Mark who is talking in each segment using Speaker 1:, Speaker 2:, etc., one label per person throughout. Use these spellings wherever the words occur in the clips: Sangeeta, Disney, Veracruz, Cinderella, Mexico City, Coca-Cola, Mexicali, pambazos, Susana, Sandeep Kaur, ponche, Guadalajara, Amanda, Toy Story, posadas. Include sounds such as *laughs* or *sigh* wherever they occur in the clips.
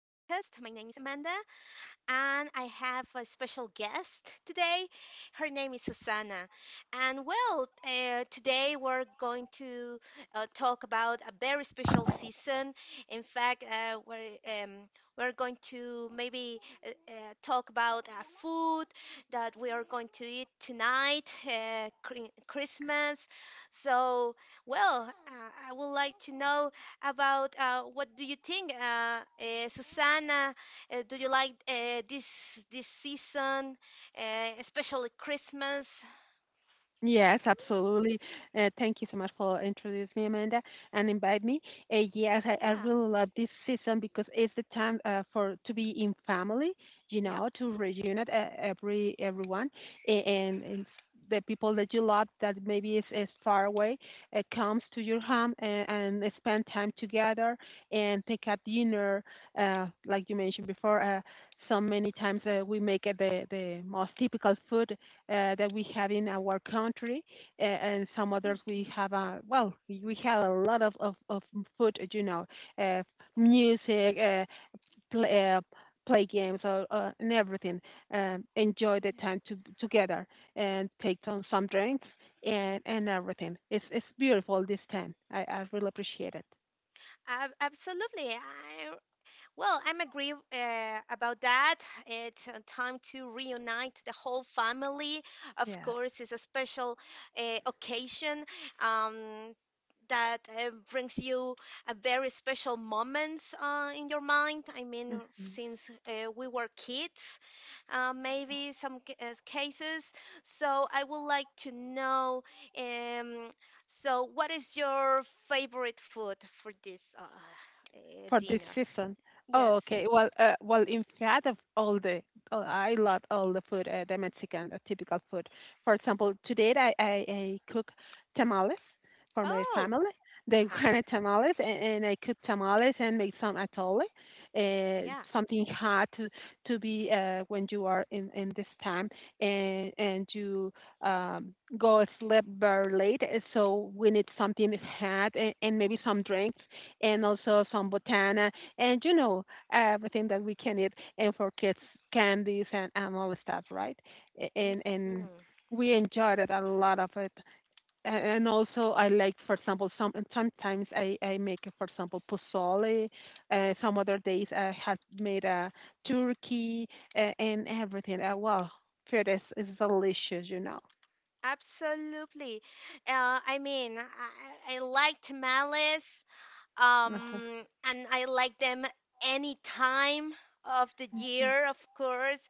Speaker 1: My name is Amanda, and I have a special guest today. Her name is Susana. And today we're going to talk about a very special season. In fact, we're going to maybe uh, uh, talk about food that we are going to eat tonight, Christmas. So, well, uh, I would like to know about what do you think, Susanna? Do you like this season, especially Christmas?
Speaker 2: Yes, absolutely. Thank you so much for introducing me, Amanda, and invite me. Yes, I
Speaker 1: Yeah.
Speaker 2: really love this season because it's the time for to be in family,
Speaker 1: Yep.
Speaker 2: to reunite everyone, and the people that you love that maybe is far away comes to your home, and spend time together and take a dinner. Like you mentioned before, so many times we make the most typical food that we have in our country, and some others we
Speaker 1: Hmm.
Speaker 2: have. We have a lot of food, you know, uh, music, play, play games, or and everything. Enjoy the
Speaker 1: Yeah.
Speaker 2: time to, together and take some drinks and everything. It's beautiful, this time. I really appreciate it.
Speaker 1: Absolutely. I Well, I'm agree about that. It's a time to reunite the whole family. Of
Speaker 2: Yeah.
Speaker 1: course, it's a special occasion um, that brings you a very special moments in your mind. I mean, since we were kids, maybe some cases. So I would like to know. Um, so, what is your favorite food for this
Speaker 2: For this
Speaker 1: dinner?
Speaker 2: season. Oh,
Speaker 1: Yes.
Speaker 2: okay. Well, in fact, oh, I love all the food, the Mexican, typical food. For example, today I cook tamales for my
Speaker 1: Oh,
Speaker 2: family. They
Speaker 1: uh-huh.
Speaker 2: *laughs* wanted tamales, and I cook tamales and make some atole,
Speaker 1: Yeah.
Speaker 2: something hot, to be when you are in this time and you um, go sleep very late. So we need something hot, and maybe some drinks and also some botana and everything that we can eat, and for kids, candies and all the stuff, right? And
Speaker 1: Hmm.
Speaker 2: we enjoyed it, a lot of it. And also, I like, for example, some — and sometimes I make, for example, pozole. Some other days I had made a turkey and everything. Wow, food is delicious.
Speaker 1: Absolutely. I mean, I liked Malice,
Speaker 2: *laughs* Uh-huh.
Speaker 1: and I like them any time of the year, of course.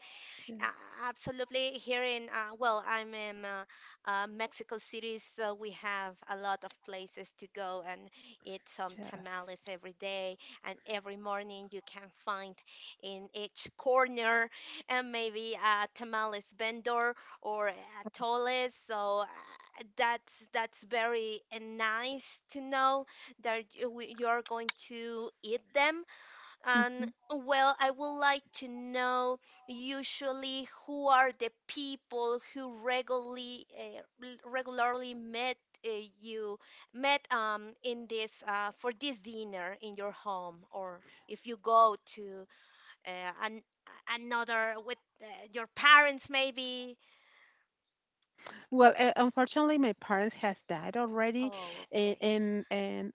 Speaker 1: A- Absolutely. Here in, I'm in Mexico City, so we have a lot of places to go and eat some
Speaker 2: Yes.
Speaker 1: tamales every day. And every morning you can find in each corner and maybe a tamales vendor or a toles. So that's very nice to know that you're going to eat them
Speaker 2: Yes.
Speaker 1: and well, I would like to know usually who are the people who regularly regularly met uh, you met in this for this dinner in your home, or if you go to an another with your parents maybe.
Speaker 2: Well, unfortunately, my parents has died already,
Speaker 1: Oh,
Speaker 2: a-
Speaker 1: okay.
Speaker 2: and and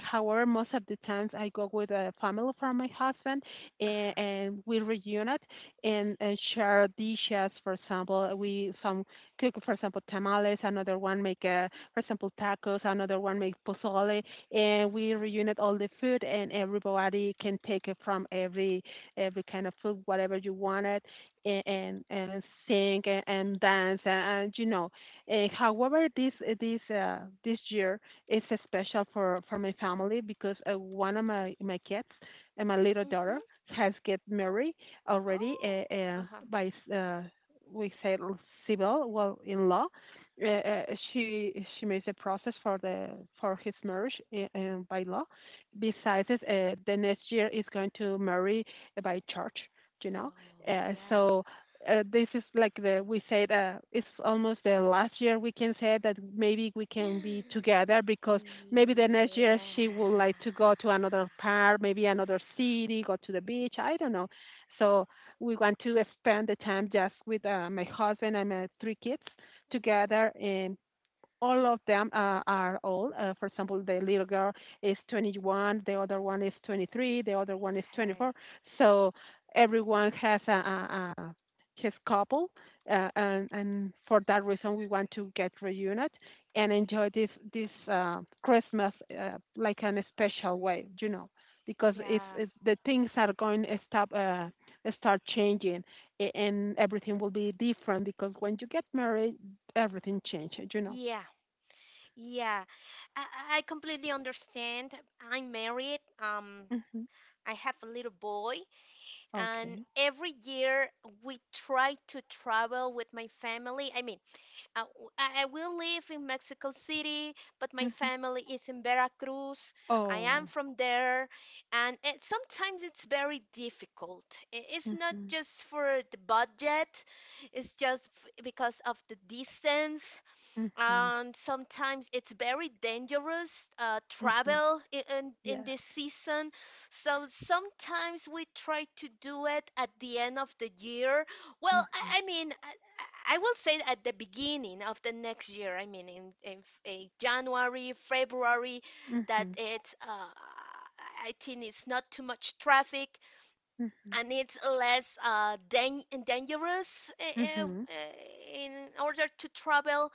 Speaker 2: however, most of the times I go with a family from my husband, and,
Speaker 1: Uh-huh.
Speaker 2: and we reunite and share dishes. For example, we some cook, for example, tamales. Another one make, for example, tacos. Another one make pozole. And we reunite all the food, and everybody can take it from every kind of food, whatever you wanted, and sing and dance, and you know. However, this year, it's special for my family because one of my kids and my little daughter
Speaker 1: Hmm.
Speaker 2: has get married already,
Speaker 1: Oh, uh-huh.
Speaker 2: by, uh, we say, civil — well, in law. Uh, uh, she makes a process for the for his marriage, by law. Besides, the next year is going to marry by church, you know.
Speaker 1: Oh,
Speaker 2: Uh,
Speaker 1: yeah.
Speaker 2: so uh, this is like, the we said it's almost the last year, we can say, that maybe we
Speaker 1: *gasps*
Speaker 2: can be together,
Speaker 1: Yeah.
Speaker 2: because maybe the next year she would like to go to another park, maybe another city, go to the beach. I don't know. So we want to spend the time just with my husband and my three kids
Speaker 1: Mhm.
Speaker 2: together, and all of them are old. For example, the little girl is 21, the other one is 23, the other one is 24.
Speaker 1: Okay.
Speaker 2: So everyone has a his couple, and for that reason, we want to get reunited and enjoy this Christmas like in a special way, you know, because it's,
Speaker 1: Yeah.
Speaker 2: it's the things are going to stop. Start changing, and everything will be different because when you get married, everything changes.
Speaker 1: Yeah. Yeah, I completely understand. I'm married.
Speaker 2: Mhm.
Speaker 1: I have a little boy, and
Speaker 2: Okay.
Speaker 1: every year we try to travel with my family. I mean, I will live in Mexico City, but my
Speaker 2: Mhm.
Speaker 1: family is in Veracruz. I am
Speaker 2: Oh.
Speaker 1: from there, and sometimes it's very difficult. It's not
Speaker 2: Mhm.
Speaker 1: just for the budget, it's just because of the distance
Speaker 2: Mhm.
Speaker 1: and sometimes it's very dangerous
Speaker 2: Mhm.
Speaker 1: travel in
Speaker 2: Yes.
Speaker 1: this season so sometimes we try to do it at the end of the year
Speaker 2: Mm.
Speaker 1: I mean I will say at the beginning of the next year. I mean in January, February, that
Speaker 2: Mhm.
Speaker 1: it's I think it's not too much traffic
Speaker 2: Mm.
Speaker 1: and it's less dangerous
Speaker 2: Mhm.
Speaker 1: in order to travel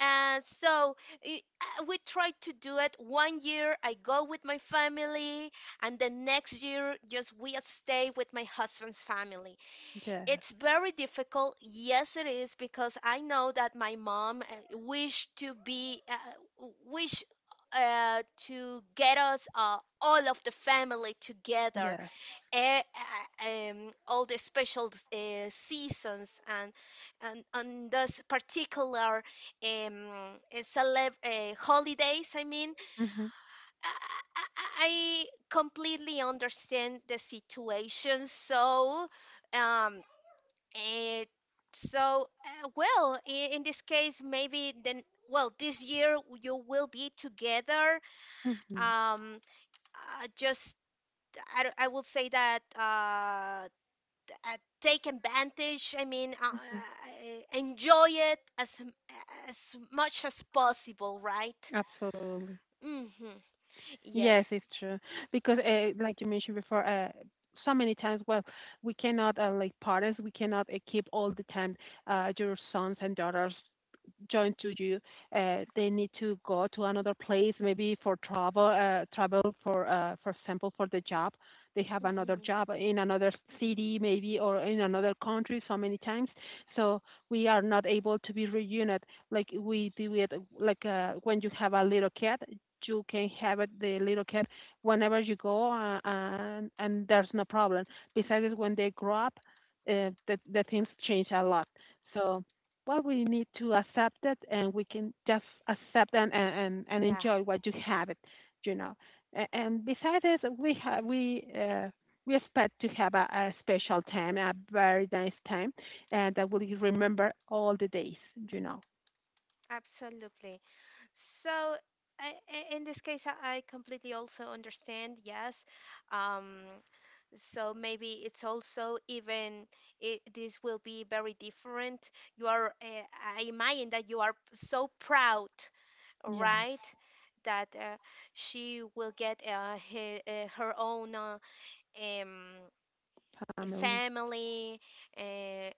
Speaker 1: and so we try to do it. One year I go with my family, and the next year just we stay with my husband's family.
Speaker 2: Yes.
Speaker 1: It's very difficult. Yes, it is because I know that my mom wished to be wish to get us all of the family together
Speaker 2: Yes.
Speaker 1: all the special seasons and on those particular um, celeb holidays. I mean,
Speaker 2: Mhm.
Speaker 1: I, I I completely understand the situation. Um, it, so, in this case, maybe then. Well, this year you will be together.
Speaker 2: Mhm.
Speaker 1: Um, just I, don't- I will say that uh, take advantage. I mean, enjoy it as much as possible, right?
Speaker 2: Absolutely.
Speaker 1: Mm-hmm.
Speaker 2: Yes, it's
Speaker 1: Yes.
Speaker 2: true. Because, like you mentioned before, so many times, well, we cannot, like parents, we cannot keep all the time your sons and daughters joined to you. They need to go to another place, maybe for travel, travel for example, for the job. They have another
Speaker 1: Mm-hmm.
Speaker 2: job in another city, maybe, or in another country. So many times, so we are not able to be reunited like we do it. Like when you have a little kid, you can have it, the little cat, whenever you go, and there's no problem. Besides, when they grow up, the things change a lot. So well, we need to accept it, and we can just accept and
Speaker 1: Yeah,
Speaker 2: enjoy what you have it, you know. And besides, this, we have we. We expect to have a special time, a very nice time, and that will remember all the days, you know.
Speaker 1: absolutely. So, in this case, I completely also understand. Yes. Um, so maybe it's also even this will be very different. I imagine that you are so proud,
Speaker 2: Yes,
Speaker 1: right? That she will get he, her own um, a
Speaker 2: family.
Speaker 1: family, uh, a-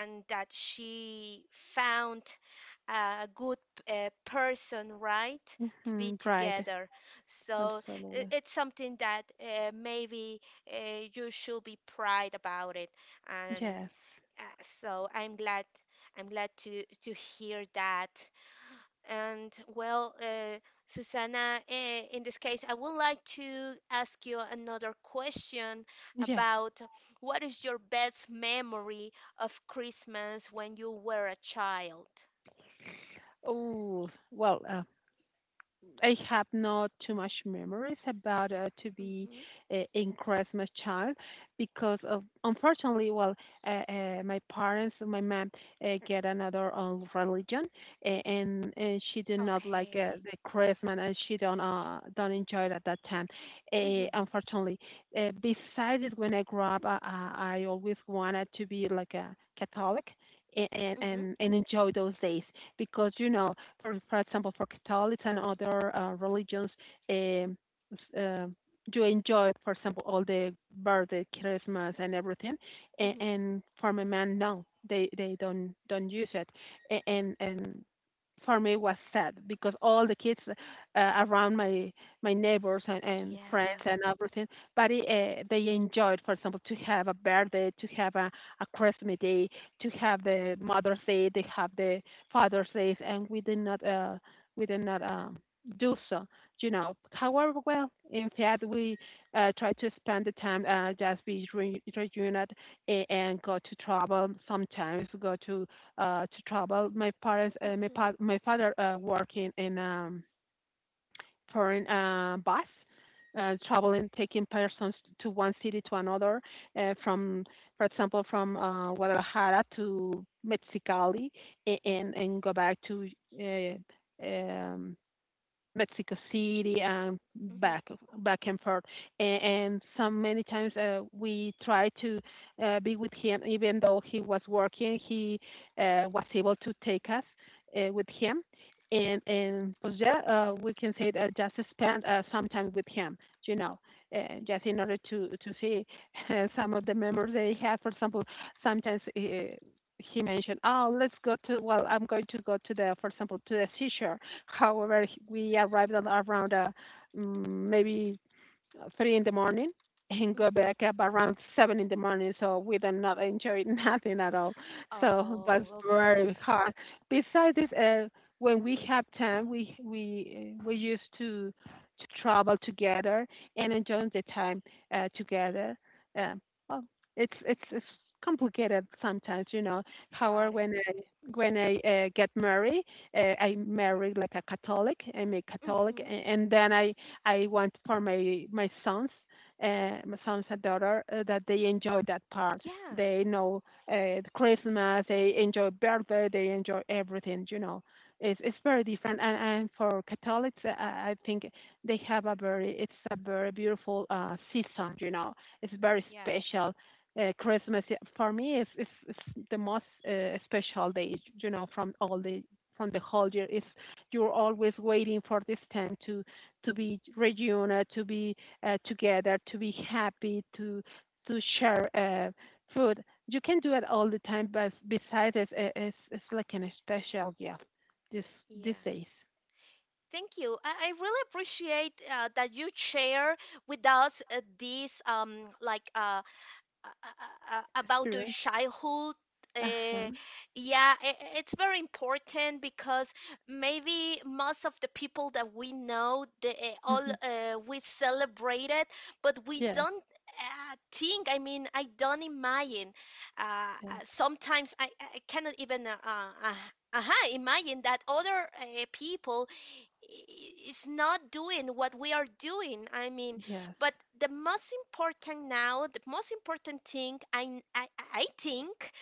Speaker 1: and that she found a good person, right, to be
Speaker 2: Hmm, right.
Speaker 1: together. So
Speaker 2: Absolutely.
Speaker 1: it's something that maybe uh, you should be proud about it, and
Speaker 2: Yes.
Speaker 1: so I'm glad to hear that. And Susanna, in this case, I would like to ask you another question
Speaker 2: Yes.
Speaker 1: about what is your best memory of Christmas when you were a child?
Speaker 2: Oh, well, I have not too much memories about to be
Speaker 1: Hmm.
Speaker 2: in Christmas child because of unfortunately, well, my parents, my mom, get another religion, and she did not like
Speaker 1: Okay.
Speaker 2: the Christmas, and she don't enjoy it at that time. Uh,
Speaker 1: Hmm.
Speaker 2: unfortunately, uh, besides it, when I grew up, I always wanted to be like a Catholic. a- And,
Speaker 1: Hmm.
Speaker 2: and and enjoy those days because, you know, for example, for Catholics and other religions, um, uh, you enjoy, for example, all the birthday, Christmas, and everything, and,
Speaker 1: Hmm.
Speaker 2: and for my man, no, they don't use it. And for me it was sad because all the kids around my neighbors and friends
Speaker 1: Yeah.
Speaker 2: and everything, but it, they enjoyed, for example, to have a birthday, to have a Christmas Day, to have the Mother's Day, they have the father says, and we did not do so. You know, however, well, in fact, we try to spend the time just be reunited and go to travel. Sometimes go to travel. My parents, my
Speaker 1: Hmm.
Speaker 2: pa- my father working in per bus, traveling, taking persons to one city to another, from, for example, from Guadalajara to Mexicali, and go back to uh, um, Mexico City and
Speaker 1: Hmm.
Speaker 2: back and forth. And so many times, we tried to be with him, even though he was working. He was able to take us with him, and pues, yeah, we can say that, just spend some time with him, you know, uh, just in order to see *laughs* some of the memories they have. For example, sometimes. He mentioned, "Oh, let's go to. Well, I'm going to go to the, for example, to the seashore." However, we arrived at around mm, maybe 3 in the morning and go
Speaker 1: Hmm.
Speaker 2: back up around 7 in the morning. So we did not enjoy *laughs* nothing at all. So it was
Speaker 1: Oh,
Speaker 2: very
Speaker 1: okay.
Speaker 2: hard. Besides this, when we have time, we used to travel together and enjoy the time together. Um, well, it's
Speaker 1: Hmm.
Speaker 2: complicated sometimes, you know. However,
Speaker 1: Got it.
Speaker 2: when I get married, I married like a Catholic. I'm a Catholic,
Speaker 1: Hmm.
Speaker 2: and then I want for my sons, my sons and daughter, that they enjoy that part.
Speaker 1: Yeah.
Speaker 2: They know Christmas, they enjoy birthday, they enjoy everything. You know, it's very different. And for Catholics, I think they have a very it's a very beautiful season. You know, it's very
Speaker 1: Yes.
Speaker 2: special. Christmas, yeah, for me is the most special day. You know, from the whole year. Is you're always waiting for this time to be reunited, to be together, to be happy, to share food. You can do it all the time, but besides, it's like an special gift this these
Speaker 1: Yeah.
Speaker 2: days.
Speaker 1: Thank you. I really appreciate that you share with us like, uh, about your
Speaker 2: Experience.
Speaker 1: childhood.
Speaker 2: Uh huh.
Speaker 1: Uh, yeah, it's very important because maybe most of the people that we know, they all
Speaker 2: Hmm.
Speaker 1: we celebrate it, but we
Speaker 2: Yes.
Speaker 1: don't think. I mean, I don't imagine.
Speaker 2: Yes.
Speaker 1: Sometimes I cannot even uh-huh, imagine that other people is not doing what we are doing. I mean,
Speaker 2: Yes.
Speaker 1: but the most important now, the most important thing I think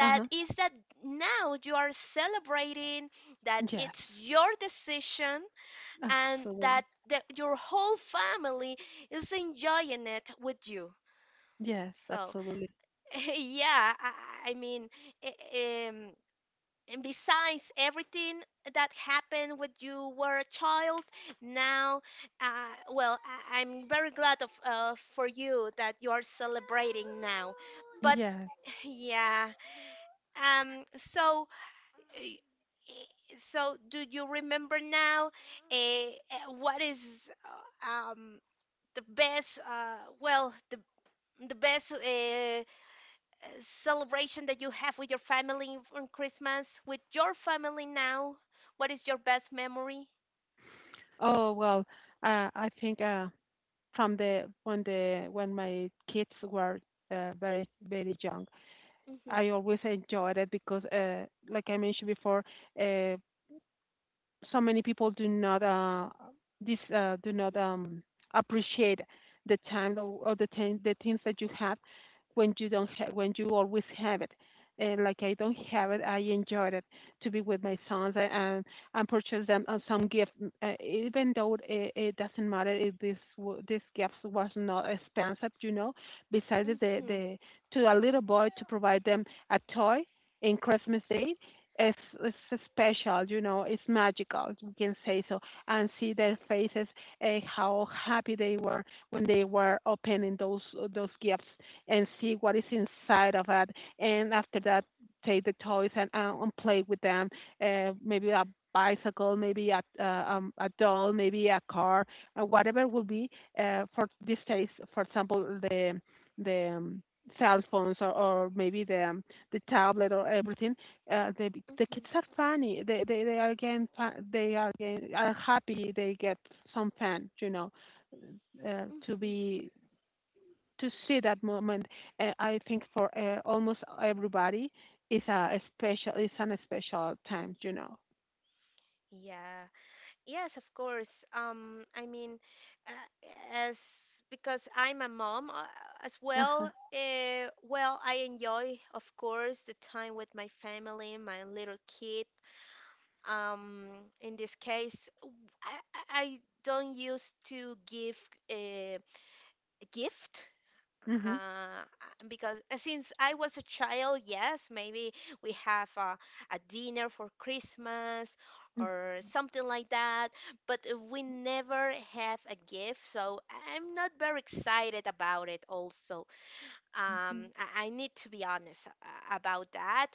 Speaker 2: Uh huh.
Speaker 1: is that now you are celebrating that
Speaker 2: Yes.
Speaker 1: it's your decision and that
Speaker 2: Absolutely.
Speaker 1: your whole family is enjoying it with you.
Speaker 2: Yes.
Speaker 1: So,
Speaker 2: Absolutely.
Speaker 1: *laughs* yeah, I, I mean, eh, um, and besides everything that happened when you were a child, now, I'm very glad of for you that you are celebrating now. But
Speaker 2: Yes.
Speaker 1: yeah, um, so, so do you remember now, what is, uh, um, the best, well, the best celebration that you have with your family on Christmas, with your family now? What is your best memory?
Speaker 2: Oh, well. I think, from the when my kids were very, very young,
Speaker 1: Mm-hmm,
Speaker 2: I always enjoyed it because, like I mentioned before, uh, so many people do not appreciate the time, or the things that you have when you don't when you always have it. And like I don't have it, I enjoyed it to be with my sons, and purchase them some gift. Even though it doesn't matter if this gift was not expensive. Besides the
Speaker 1: mm-hmm,
Speaker 2: the to a little boy to provide them a toy in Christmas Day it's special, you know, it's magical, you can say so, and see their faces, how happy they were when they were opening those gifts, and see what is inside of it, and after that, take the toys and play with them, maybe a bicycle, maybe a doll, maybe a car, whatever will be. For these days, for example, the cell phones, or maybe the tablet or everything, the
Speaker 1: mm-hmm,
Speaker 2: kids are funny. They are they are again, are happy. They get some fun, you know, to
Speaker 1: mm-hmm.
Speaker 2: be to see that moment. I think for almost everybody, is an special time, you know.
Speaker 1: Yeah, yes, of course. I mean, uh, as because I'm a mom as well,
Speaker 2: Uh-huh.
Speaker 1: I enjoy, of course, the time with my family, my little kid. Um, in this case, I, I- I don't used to give uh, gift
Speaker 2: Mhm.
Speaker 1: uh, because since I was a child, yes, maybe we have a dinner for Christmas or something like that, but we never have a gift, so I'm not very excited about it also. Um,
Speaker 2: Mhm.
Speaker 1: I need to be honest about that,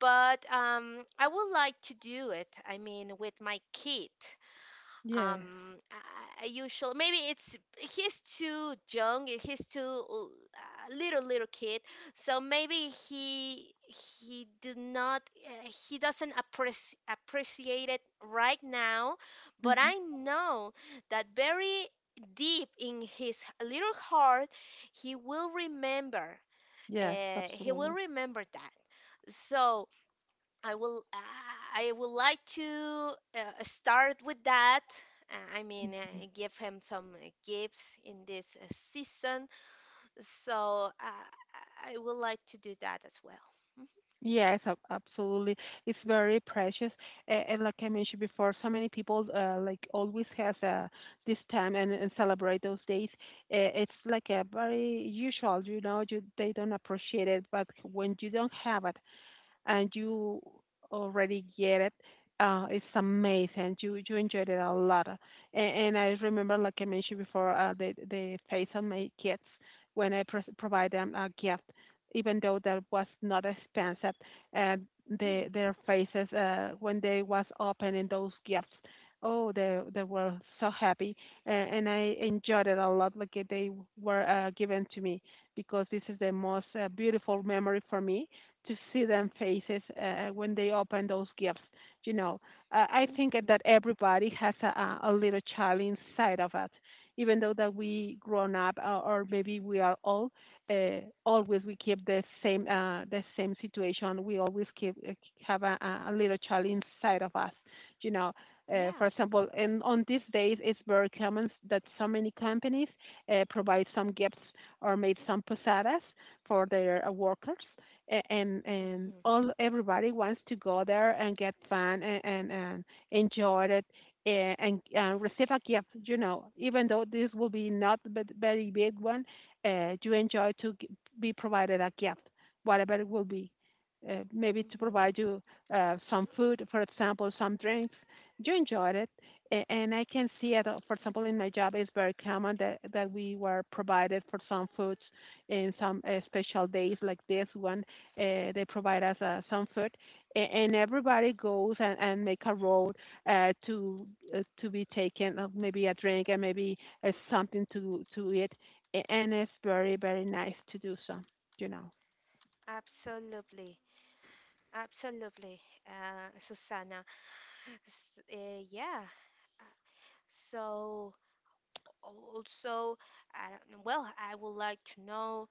Speaker 1: but I would like to do it, I mean, with my kid.
Speaker 2: Yes.
Speaker 1: um I usually maybe it's he's too young. He's too little kid so maybe he did not he doesn't appreciate it right now, but
Speaker 2: Mhm.
Speaker 1: I know that very deep in his little heart he will remember
Speaker 2: Yes.
Speaker 1: he will
Speaker 2: Absolutely.
Speaker 1: remember that. So I will I would like to start with that. I mean, give him some gifts in this season. So I would like to do that as well.
Speaker 2: Yes, absolutely. It's very precious. And like I mentioned before, so many people like always has this time and celebrate those days. It's like a very usual, you know, they don't appreciate it, but when you don't have it, and you already get it. It's amazing. You enjoyed it a lot, and I remember, like I mentioned before, the face of my kids when I pros provide them a gift, even though that was not expensive. And
Speaker 1: Mm-hmm, mm-hmm.
Speaker 2: their faces when they was opening those gifts, oh, they were so happy, and I enjoyed it a lot. Like they were given to me, because this is the most beautiful memory for me to see them faces when they open those gifts. You know, I think
Speaker 1: Mm-hmm.
Speaker 2: that everybody has a little child inside of us, even though that we grown up or maybe we are old. Uh, always we keep the same situation. We always keep have a little child inside of us. You know,
Speaker 1: Yeah.
Speaker 2: for example, and on these days it's very common that so many companies provide some gifts, or made some posadas for their workers, and
Speaker 1: Mm-hmm,
Speaker 2: all everybody wants to go there and get fun, and enjoy it, and receive a gift, you know, even though this will be not very big one. Uh, you enjoy to be provided a gift, whatever it will be. Uh, maybe to
Speaker 1: mm-hmm.
Speaker 2: provide you some food, for example, some drinks, you enjoyed it, and I can see it. Uh, for example, in my job, it's very common that we were provided for some foods in some special days like this one. Uh, they provide us some food, and everybody goes and make a road uh, to to be taken, maybe a drink and maybe something to eat. And it's very very nice to do so. You know,
Speaker 1: Absolutely. Absolutely, Susanna. S Yeah. So also, I don't know. Well, I would like to know.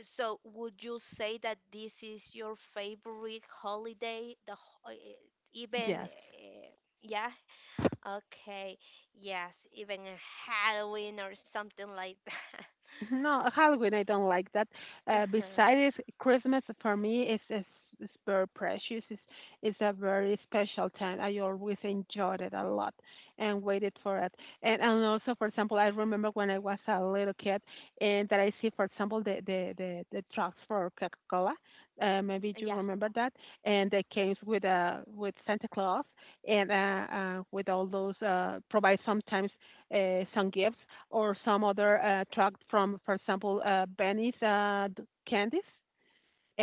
Speaker 1: So, would you say that this is your favorite holiday? The ho- eh, eh, even
Speaker 2: yes.
Speaker 1: Yeah, okay, yes, even a Halloween or something like that. *laughs*
Speaker 2: No, Halloween, I don't like that.
Speaker 1: Uh-huh.
Speaker 2: Besides Christmas, for me, is very precious. It's a very special time. I always enjoyed it a lot and waited for it. And also, for example, I remember when I was a little kid, and that I see, for example, the trucks for Coca-Cola. Maybe you
Speaker 1: Yeah.
Speaker 2: remember that. And they came with Santa Claus, and with all those uh, provide sometimes some gifts, or some other tract from, for example, Benny's candies,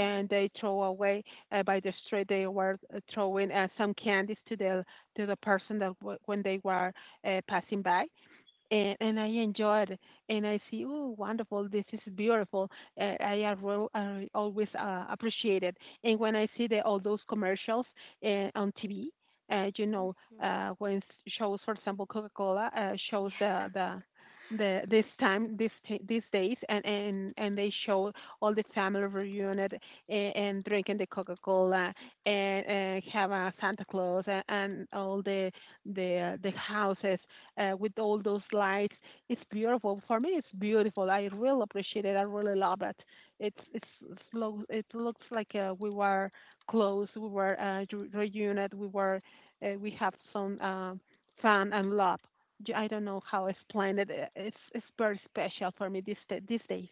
Speaker 1: Mm-hmm.
Speaker 2: they throw away by the street. They were throwing some candies to the person when they were passing by, and I enjoyed it. And I see, oh, wonderful, this is beautiful. I always appreciate it. And when I see all those commercials on TV, you know,
Speaker 1: Mm-hmm.
Speaker 2: shows, for example, Coca-Cola shows
Speaker 1: Yeah.
Speaker 2: the this time, these days, and and they show all the family reunited, and drinking the Coca-Cola, and have a Santa Claus, and all the houses with all those lights. It's beautiful. For me, it's beautiful. I really appreciate it. I really love it. It's it looks like we were close. We were reunited. We were we have some um, fun and love. I don't know how to explain it. It's it's very special for me these these days.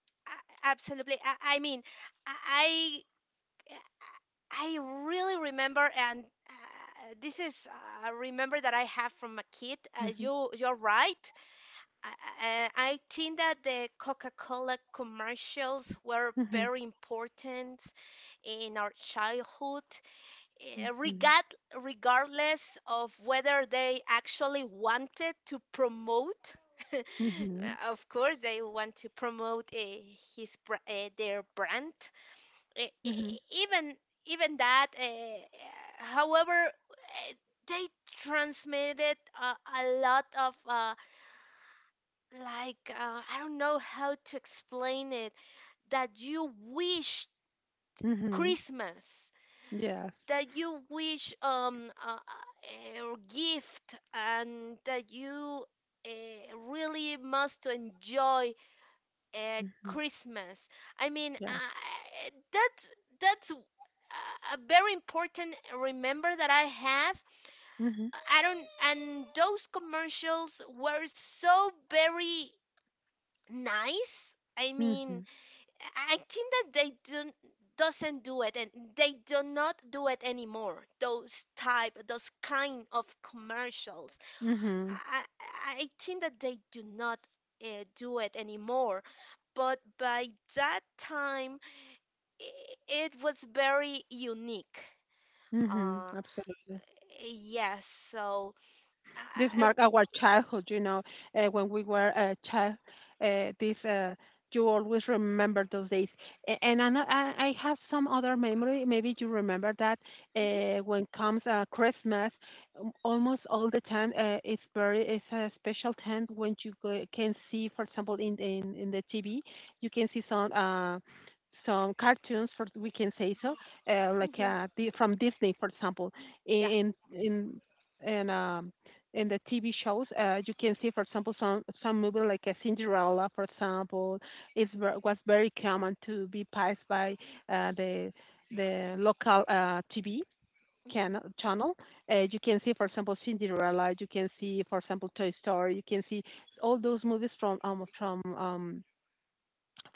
Speaker 1: *laughs* Absolutely. I mean, I I really remember and this is a remember that I have from a kid.
Speaker 2: Mhm.
Speaker 1: You you're right. I, I think that the Coca-Cola commercials were
Speaker 2: Mhm.
Speaker 1: very important in our childhood, eh,
Speaker 2: Mhm.
Speaker 1: regard, regardless of whether they actually wanted to promote. *laughs*
Speaker 2: Mhm.
Speaker 1: Of course, they want to promote their brand. Eh, eh,
Speaker 2: Mhm.
Speaker 1: even Even that, however, eh, they transmitted a lot of I don't know how to explain it, that you wish
Speaker 2: Mhm.
Speaker 1: Christmas,
Speaker 2: Yes.
Speaker 1: that you wish a gift and that you really must enjoy
Speaker 2: Mhm.
Speaker 1: Christmas. I mean
Speaker 2: Yes.
Speaker 1: uh, that's that's a very important remember that I have.
Speaker 2: Mhm.
Speaker 1: I don't And those commercials were so very nice. I mean,
Speaker 2: Mhm.
Speaker 1: I think that doesn't do it and they do not do it anymore, those type, those kind of commercials
Speaker 2: Mhm.
Speaker 1: I think that they do not do it anymore, but by that time it was very unique.
Speaker 2: Mhm.
Speaker 1: Uh
Speaker 2: Absolutely.
Speaker 1: yes so
Speaker 2: This
Speaker 1: I
Speaker 2: mark our childhood. You know, when we were a child, this you always remember those days. And I have some other memory. Maybe you remember that
Speaker 1: mhm,
Speaker 2: when comes Christmas, almost all the time it's a special time when you go, can see, for example, in the TV, you can see some. Some cartoons, for we can say so, like
Speaker 1: mhm,
Speaker 2: the, from Disney, for example,
Speaker 1: yeah
Speaker 2: in and in the TV shows, you can see, for example, some movie like a Cinderella, for example, is was very common to be passed by uh, the the local TV
Speaker 1: mhm,
Speaker 2: channel. You can see, for example, Cinderella. You can see, for example, Toy Story. You can see all those movies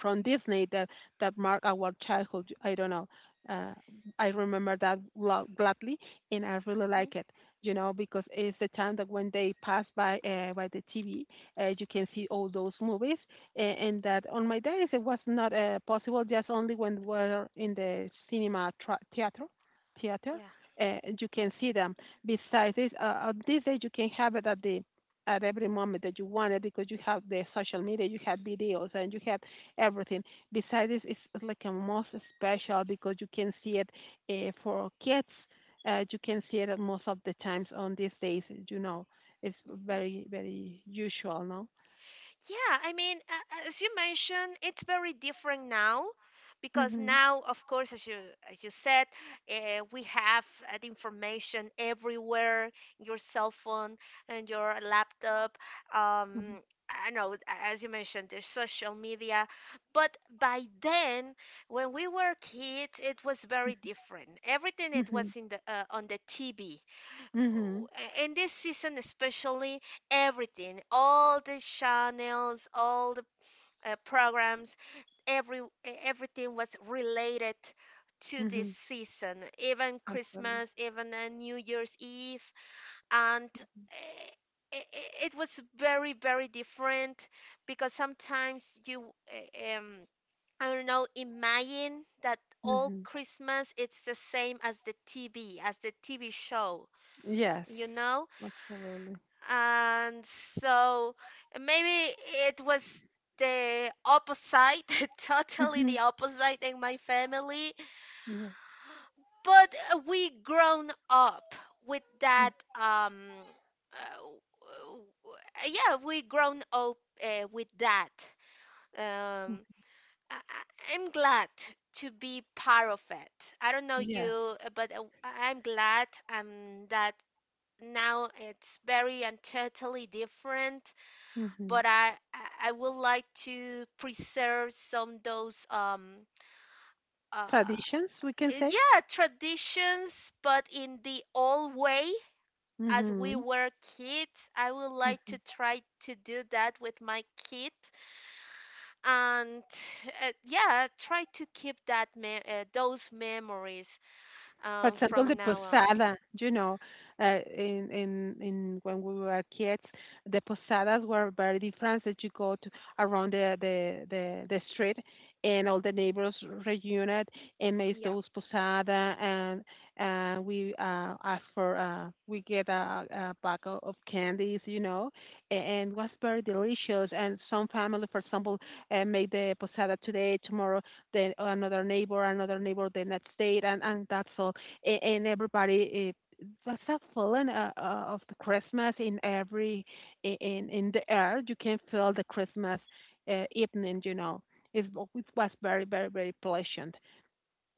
Speaker 2: from Disney, that mark our childhood. I don't know. Uh, I remember that gladly, and I really
Speaker 1: mhm,
Speaker 2: like it. You know, because it's the time that when they pass by the TV, you can see all those movies, and that on my days it was not possible. Just only when we're in the cinema theater,
Speaker 1: Yeah.
Speaker 2: you can see them. Besides this, on these days you can have it at the at every moment that you want it, because you have the social media, you have videos, and you have everything. Besides this, it's like a most special, because you can see it for kids. You can see it at most of the times on these days. You know, it's
Speaker 1: Mm-hmm.
Speaker 2: very very usual, no?
Speaker 1: Yeah, I mean, as you mentioned, it's very different now because
Speaker 2: Mhm.
Speaker 1: now, of course, as you said, we have the information everywhere, your cell phone and your laptop.
Speaker 2: Mhm.
Speaker 1: Um, I know, as you mentioned, the social media. But by then, when we were kids, it was very different. Everything it
Speaker 2: Mhm.
Speaker 1: was in the on the TV. Oh,
Speaker 2: Mhm.
Speaker 1: in this season especially, everything, all the channels, all the programs, every e- everything was related to this
Speaker 2: Mhm.
Speaker 1: season, even
Speaker 2: Absolutely.
Speaker 1: Christmas, even New Year's Eve. And eh, it was very very different because sometimes I don't know, imagine that all
Speaker 2: Mhm.
Speaker 1: Christmas it's the same as the TV, as the TV show,
Speaker 2: Yes.
Speaker 1: you know?
Speaker 2: Absolutely.
Speaker 1: And so maybe it was the opposite, *laughs* totally the
Speaker 2: Mhm.
Speaker 1: opposite in my family,
Speaker 2: Yes.
Speaker 1: but we grown up with that, um uh, w- w- yeah, we grown up with that. um
Speaker 2: Mhm.
Speaker 1: I'm glad to be part of it. I don't know
Speaker 2: Yes.
Speaker 1: you, I'm glad that now it's very and totally different,
Speaker 2: Mhm.
Speaker 1: but I would like to preserve some those uh
Speaker 2: Traditions, we can say.
Speaker 1: yeah, traditions, but in the old way as we
Speaker 2: Mhm.
Speaker 1: were kids. I would like to try to do that with my kid and yeah, try to keep those memories
Speaker 2: For example,
Speaker 1: from
Speaker 2: the
Speaker 1: now on.
Speaker 2: posada, you know, in when we were kids, the posadas were very different. That you go to around the street, and all the neighbors reunited and made
Speaker 1: Yeah.
Speaker 2: those posada, and we ask for we get a pack of candies, you know, and was very delicious. And some family, for example, made the posada today, tomorrow, then another neighbor the next day, and that's all, and everybody, it was a feeling of the Christmas in every in the air. You can feel the Christmas evening. You know, it was very very very pleasant.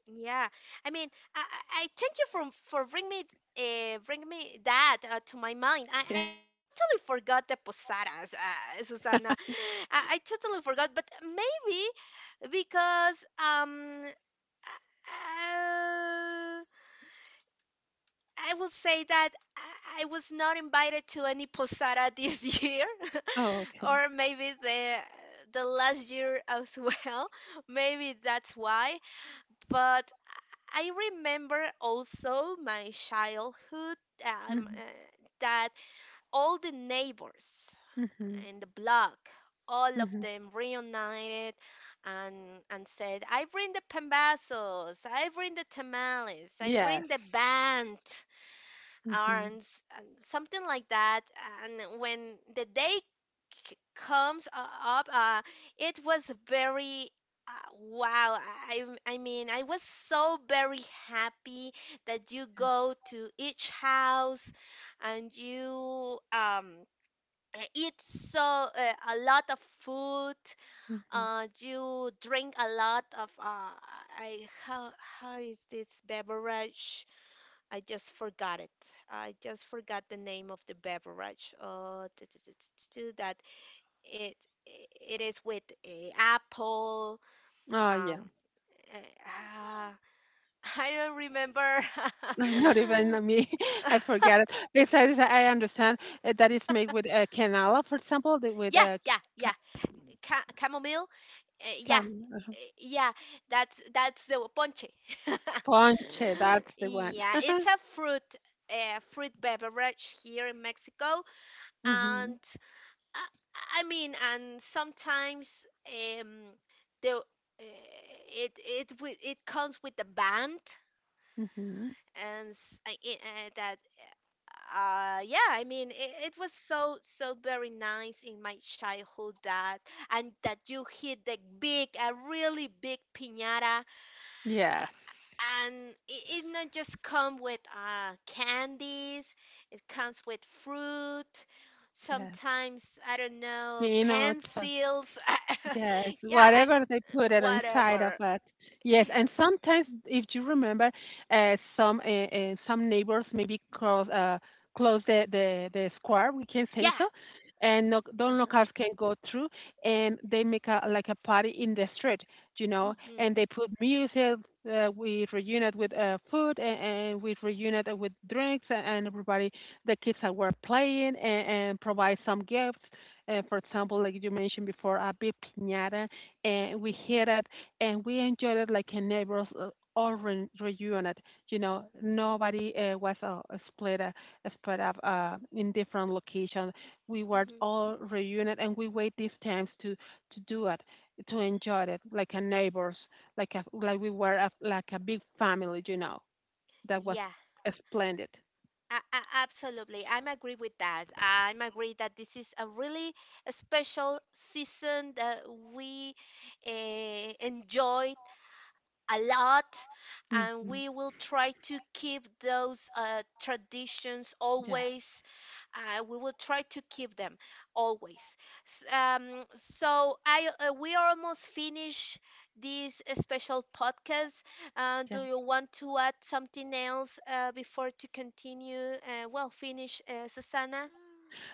Speaker 1: Yeah, I mean, I thank you for bring me that to my mind.
Speaker 2: *laughs*
Speaker 1: I
Speaker 2: Yeah.
Speaker 1: totally forgot the posadas, Susana. I totally forgot, but maybe because I will say that I was not invited to any posada this *laughs* year,
Speaker 2: Oh,
Speaker 1: *laughs*
Speaker 2: okay.
Speaker 1: or maybe the last year as well. *laughs* Maybe that's why, but I remember also my childhood, um, uh,
Speaker 2: Mhm.
Speaker 1: that all the neighbors
Speaker 2: Mhm.
Speaker 1: in the block, all of
Speaker 2: Mhm.
Speaker 1: them reunited and and said, "I bring the pambazos, I bring the tamales, I
Speaker 2: Yes.
Speaker 1: bring the band."
Speaker 2: Mhm.
Speaker 1: Arms and something like that, and when the day comes up, it was very uh, wow, I mean, I was so very happy that you
Speaker 2: Yes.
Speaker 1: go to each house and you eat so a lot of food.
Speaker 2: Mhm.
Speaker 1: You drink a lot of I, how, how is this beverage? I just forgot it. I just forgot the name of the beverage. That it it is with a apple.
Speaker 2: Oh,
Speaker 1: Um,
Speaker 2: yeah.
Speaker 1: uh, ah, *laughs* I don't remember.
Speaker 2: *laughs*
Speaker 1: *laughs*
Speaker 2: Not even me. *laughs* I forget it. Besides, I understand that it's made with canela, for example, the, with
Speaker 1: Yeah,
Speaker 2: c-
Speaker 1: yeah, yeah. Chamomile.
Speaker 2: cam
Speaker 1: Yeah. That's the ponche. *laughs*
Speaker 2: ponche. That's the one.
Speaker 1: Yeah,
Speaker 2: *laughs*
Speaker 1: it's a fruit fruit beverage here in Mexico,
Speaker 2: Mhm,
Speaker 1: and I, I mean, and sometimes the it it comes with the band,
Speaker 2: mhm.
Speaker 1: and s- I- that yeah, I mean, it was so so very nice in my childhood that, and that you hit the big, a really big piñata,
Speaker 2: Yes,
Speaker 1: and it not just come with candies, it comes with fruit,
Speaker 2: yes.
Speaker 1: sometimes, I don't know,
Speaker 2: Peanuts, uh,
Speaker 1: pencils,
Speaker 2: yes,
Speaker 1: *laughs* yeah, I
Speaker 2: whatever they put it inside of
Speaker 1: whatever.
Speaker 2: it. Yes, and sometimes, if you remember, uh, some uh, some neighbors maybe close close the square, we can say
Speaker 1: Yeah.
Speaker 2: so, and no, don't no
Speaker 1: Uh-huh.
Speaker 2: cars can go through, and they make a like a party in the street, you know,
Speaker 1: Mm-hmm.
Speaker 2: and they put music. We reunite with food, and we reunite with drinks, and everybody, the kids are were playing, and provide some gifts for example, like you mentioned before, a big piñata, and we
Speaker 1: Mm-hmm.
Speaker 2: hit it and we enjoyed it like a neighbors all reunited. You know, nobody was split uh, split up in different locations. We were
Speaker 1: Mm-hmm.
Speaker 2: all reunited, and we wait these times to do it, to enjoy it like a neighbors, like we were like a big family. You know, that was
Speaker 1: Yeah.
Speaker 2: splendid.
Speaker 1: Absolutely, I'm agree with that. I'm agree that this is a really special season that we enjoy a lot, and
Speaker 2: Hmm.
Speaker 1: we will try to keep those traditions
Speaker 2: Yes,
Speaker 1: always. We will try to keep them always. S- so I We are almost finished this special podcast.
Speaker 2: yes.
Speaker 1: Do you want to add something else before to continue, well, finish, Susanna?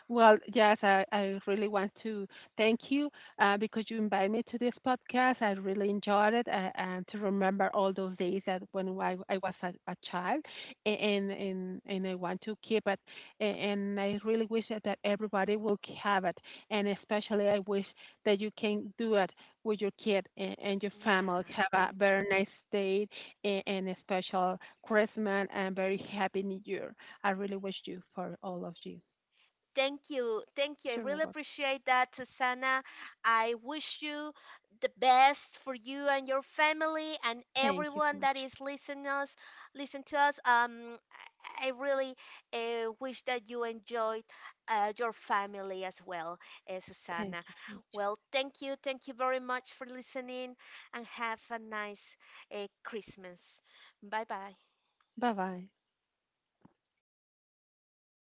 Speaker 2: Well, yes, I really want to thank you because you invited me to this podcast. I really enjoyed it and to remember all those days that when I was a child, and I want to keep it. And I really wish that everybody will have it. And especially I wish that you can do it with your kid and your family.
Speaker 1: Yeah,
Speaker 2: Have a
Speaker 1: thank you.
Speaker 2: very nice day, and a special Christmas and very happy New Year. I really wish you for all of you.
Speaker 1: Thank you. Thank you. I
Speaker 2: You're
Speaker 1: really
Speaker 2: welcome.
Speaker 1: appreciate that, Susana. I wish you the best for you and your family and
Speaker 2: Thank you so
Speaker 1: everyone that
Speaker 2: much.
Speaker 1: is listening us, listen to us. I really wish that you enjoyed your family as well,
Speaker 2: Thank
Speaker 1: Susana.
Speaker 2: you so much.
Speaker 1: Well, thank you. Thank you very much for listening and have a nice Christmas. Bye bye.
Speaker 2: Bye bye.